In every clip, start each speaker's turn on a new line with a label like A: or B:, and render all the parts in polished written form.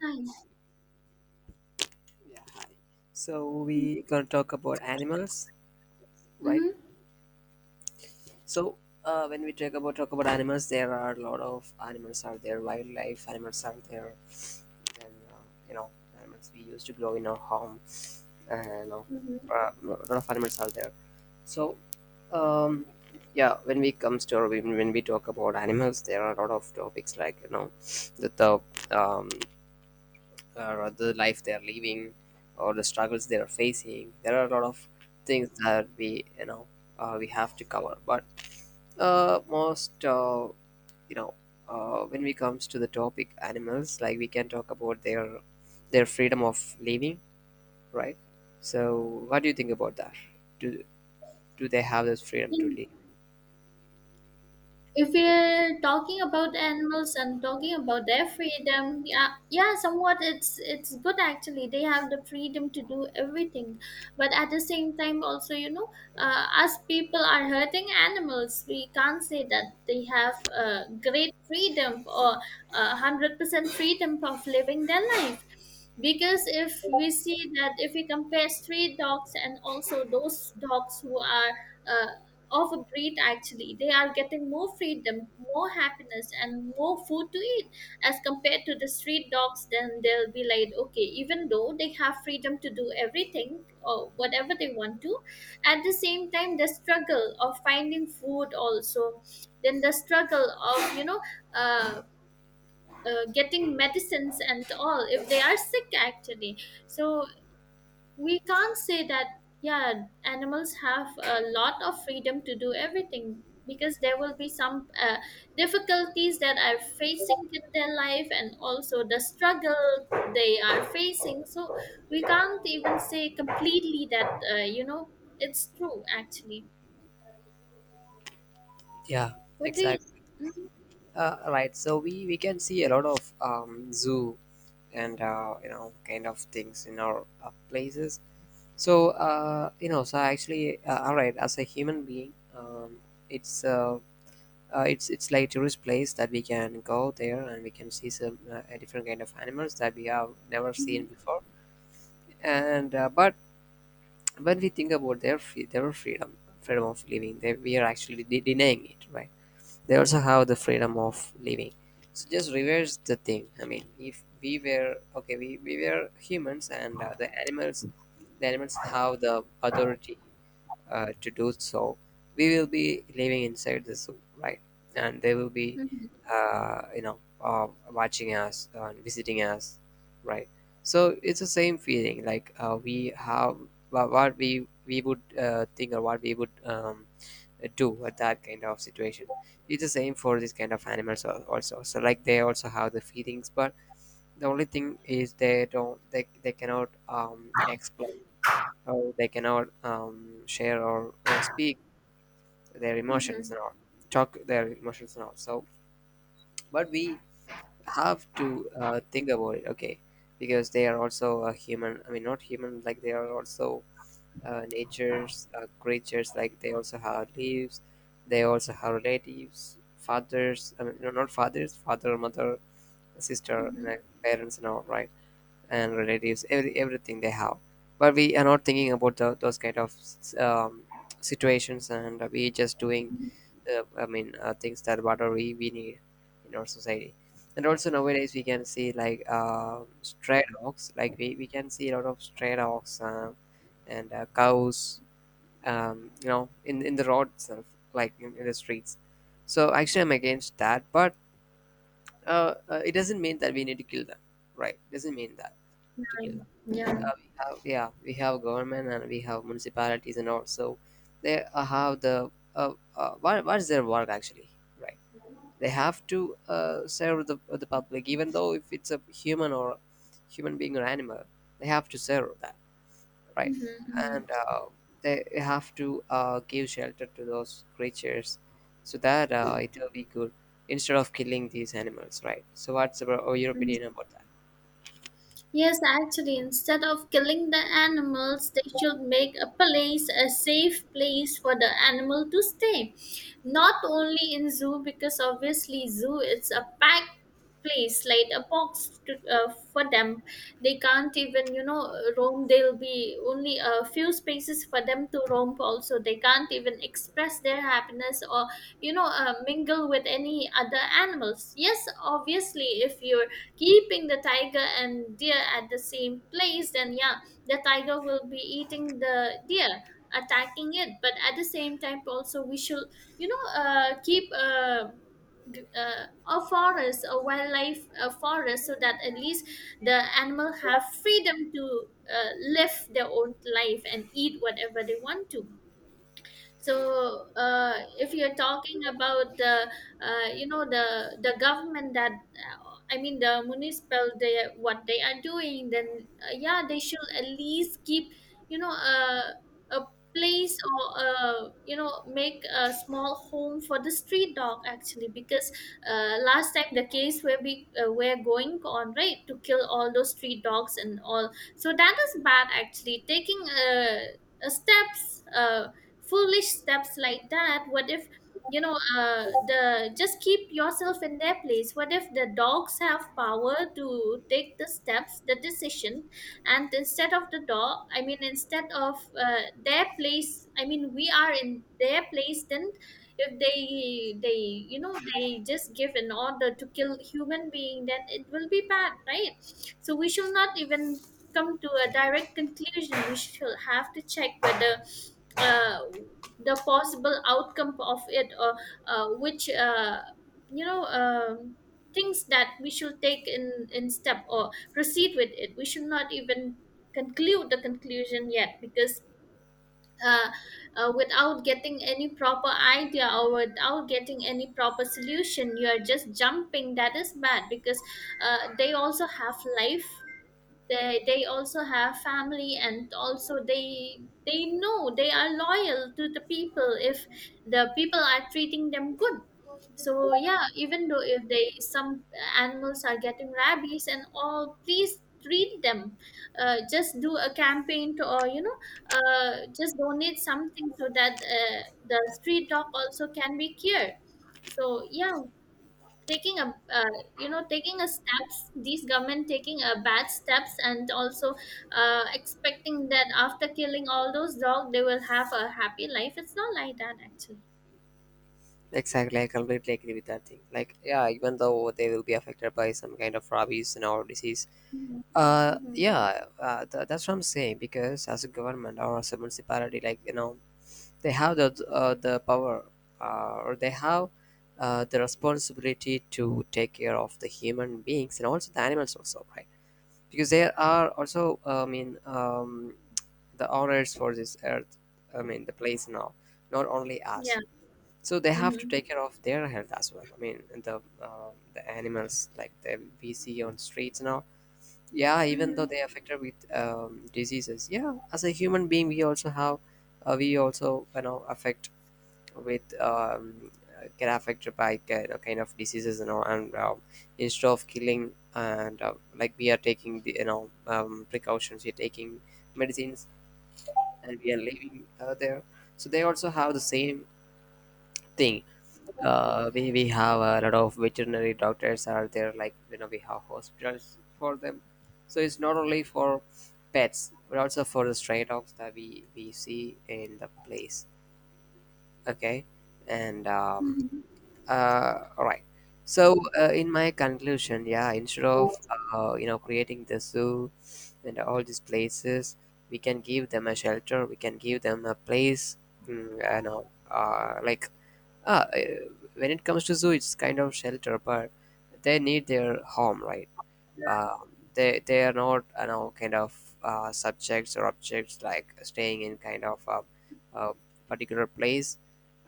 A: Nice.
B: Yeah, hi. So we gonna talk about animals, right?
A: Mm-hmm.
B: So when we talk about animals, there are a lot of animals are there, wildlife animals are there, and animals we used to grow in our home, and
A: hmm
B: a lot of animals are there. So um, yeah, when we comes to or when we talk about animals, there are a lot of topics like you know the Um, or the life they are living or the struggles they are facing. There are a lot of things that we you know we have to cover. But most you know when we comes to the topic animals, like we can talk about their freedom of living, right? So what do you think about that? Do do they have this freedom to live?
A: If we're talking about animals and talking about their freedom, yeah, yeah, somewhat it's good actually. They have the freedom to do everything, but at the same time, also us people are hurting animals. We can't say that they have great freedom or 100% freedom of living their life. Because if we see that, if we compare street dogs and also those dogs who are uh, of a breed, actually they are getting more freedom, more happiness and more food to eat as compared to the street dogs. Then they'll be like okay, even though they have freedom to do everything or whatever they want to, at the same time the struggle of finding food also, then the struggle of uh, getting medicines and all if they are sick actually. So we can't say that yeah, animals have a lot of freedom to do everything, because there will be some difficulties that are facing in their life, and also the struggle they are facing. So we can't even say completely that it's true actually.
B: Yeah,
A: What do you
B: exactly. Right. So we can see a lot of zoo and kind of things in our places. So so actually, all right. As a human being, it's uh, it's like tourist place that we can go there and we can see some a different kind of animals that we have never seen before. And but when we think about their their freedom of living, we are actually denying it, right? They also have the freedom of living. So just reverse the thing. I mean, if we were okay, we were humans and the animals have the authority to do so, we will be living inside the zoo, right? And they will be,
A: mm-hmm,
B: watching us and visiting us, right? So it's the same feeling. Like we have what we would think or what we would do at that kind of situation. It's the same for this kind of animals also. So like they also have the feelings, but the only thing is they cannot explain or they cannot share or speak their emotions
A: mm-hmm,
B: and all, talk their emotions and all. So but we have to think about it, okay, because they are also a human. I mean, not human, like they are also nature's creatures. Like they also have leaves, they also have relatives, fathers, I mean no, not fathers, father, mother, sister and parents and all, right? And relatives, everything they have, but we are not thinking about the those kind of um, situations, and we just doing I mean things that what are we need in our society. And also nowadays we can see like stray dogs, like we can see a lot of stray dogs and cows, you know, in the road itself, like in the streets. So actually I'm against that, but it doesn't mean that we need to kill them, right? Doesn't mean that to kill them.
A: mm-hmm. Yeah.
B: We have, yeah, we have government and we have municipalities, and also they have the what is their work actually, right? They have to serve the public, even though if it's a human or human being or animal, they have to serve that, right.
A: Mm-hmm.
B: And they have to give shelter to those creatures, so that it will be good instead of killing these animals, right? So what's about, oh, your opinion
A: Mm-hmm.
B: about that?
A: Yes, actually, instead of killing the animals, they should make a place, a safe place for the animal to stay. Not only in zoo, because obviously zoo, it's a packed place, like a box to, for them. They can't even, you know, roam. There'll be only a few spaces for them to romp. Also they can't even express their happiness or mingle with any other animals. Yes, obviously if you're keeping the tiger and deer at the same place, then yeah, the tiger will be eating the deer, attacking it. But at the same time also we should, keep a forest, a wildlife, a forest, so that at least the animal have freedom to live their own life and eat whatever they want to. So if you're talking about the the government, that I mean the municipal, they, what they are doing, then yeah, they should at least keep, you know a a place, or make a small home for the street dog actually, because last time the case where we were going on right to kill all those street dogs and all. So that is bad actually, taking steps, uh, foolish steps like that. What if the, just keep yourself in their place. What if the dogs have power to take the steps, the decision, and instead of the dog, I mean instead of their place, I mean we are in their place, then if they they just give an order to kill human being, then it will be bad, right? So we should not even come to a direct conclusion, we should have to check whether uh, the possible outcome of it, or which you know um, things that we should take in step or proceed with it. We should not even conclude the conclusion yet because. Uh, Without getting any proper idea, or without getting any proper solution, you are just jumping. That is bad because they also have life, they also have family, and also they know they are loyal to the people if the people are treating them good. So yeah, even though if they some animals are getting rabies and all, please treat them. Just do a campaign to, or just donate something so that the street dog also can be cured. So yeah, taking a taking a steps, these government taking a bad steps. And also expecting that after killing all those dogs they will have a happy life, it's not like that actually.
B: Exactly. I completely agree with that thing. Like yeah, even though they will be affected by some kind of rabies and or disease,
A: Mhm. Mhm.
B: that's what I'm saying. Because as a government or as a municipality, like you know, they have the power, or they have the responsibility to take care of the human beings and also the animals also, right? Because there are also, I mean, the owners for this earth, I mean, the place now, not only us.
A: Yeah.
B: So they have to
A: Mm-hmm.
B: take care of their health as well. I mean, the animals, like the we see on streets now. Yeah, even though
A: Mm.
B: they affected with diseases. Yeah, as a human being, we also have, we also you know affect with get affected by kind of diseases, you know. And instead of killing, and like we are taking the you know precautions, we're taking medicines and we are living there. So they also have the same thing. We have a lot of veterinary doctors are there. Like you know, we have hospitals for them. So it's not only for pets, but also for the stray dogs that we see in the place. Okay. And
A: Mhm.
B: All right. So, in my conclusion, yeah, instead of creating the zoo and all these places, we can give them a shelter. We can give them a place. You know, uh, uh, when it comes to zoo, it's kind of shelter, but they need their home, right? They are not you know kind of subjects or objects, like staying in kind of a particular place.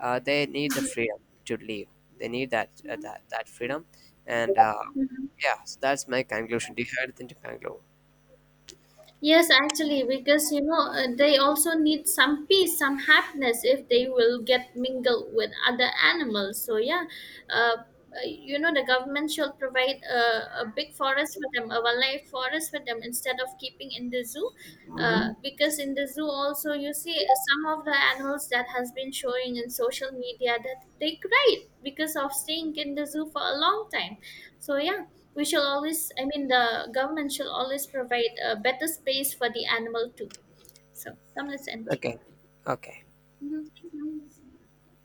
B: They need the freedom to leave. They need that freedom. And
A: Mm-hmm.
B: yeah, so that's my conclusion. Do you have anything to conclude?
A: Yes, actually, because they also need some peace, some happiness if they will get mingled with other animals. So yeah, uh, uh, the government should provide a big forest for them, a wildlife forest for them, instead of keeping in the zoo, because in the zoo also you see some of the animals that has been showing in social media that they cried because of staying in the zoo for a long time. So yeah, we shall always, I mean, the government shall always provide a better space for the animal too. So come, let's end here.
B: Okay. Okay.
A: Mhm. Thank you.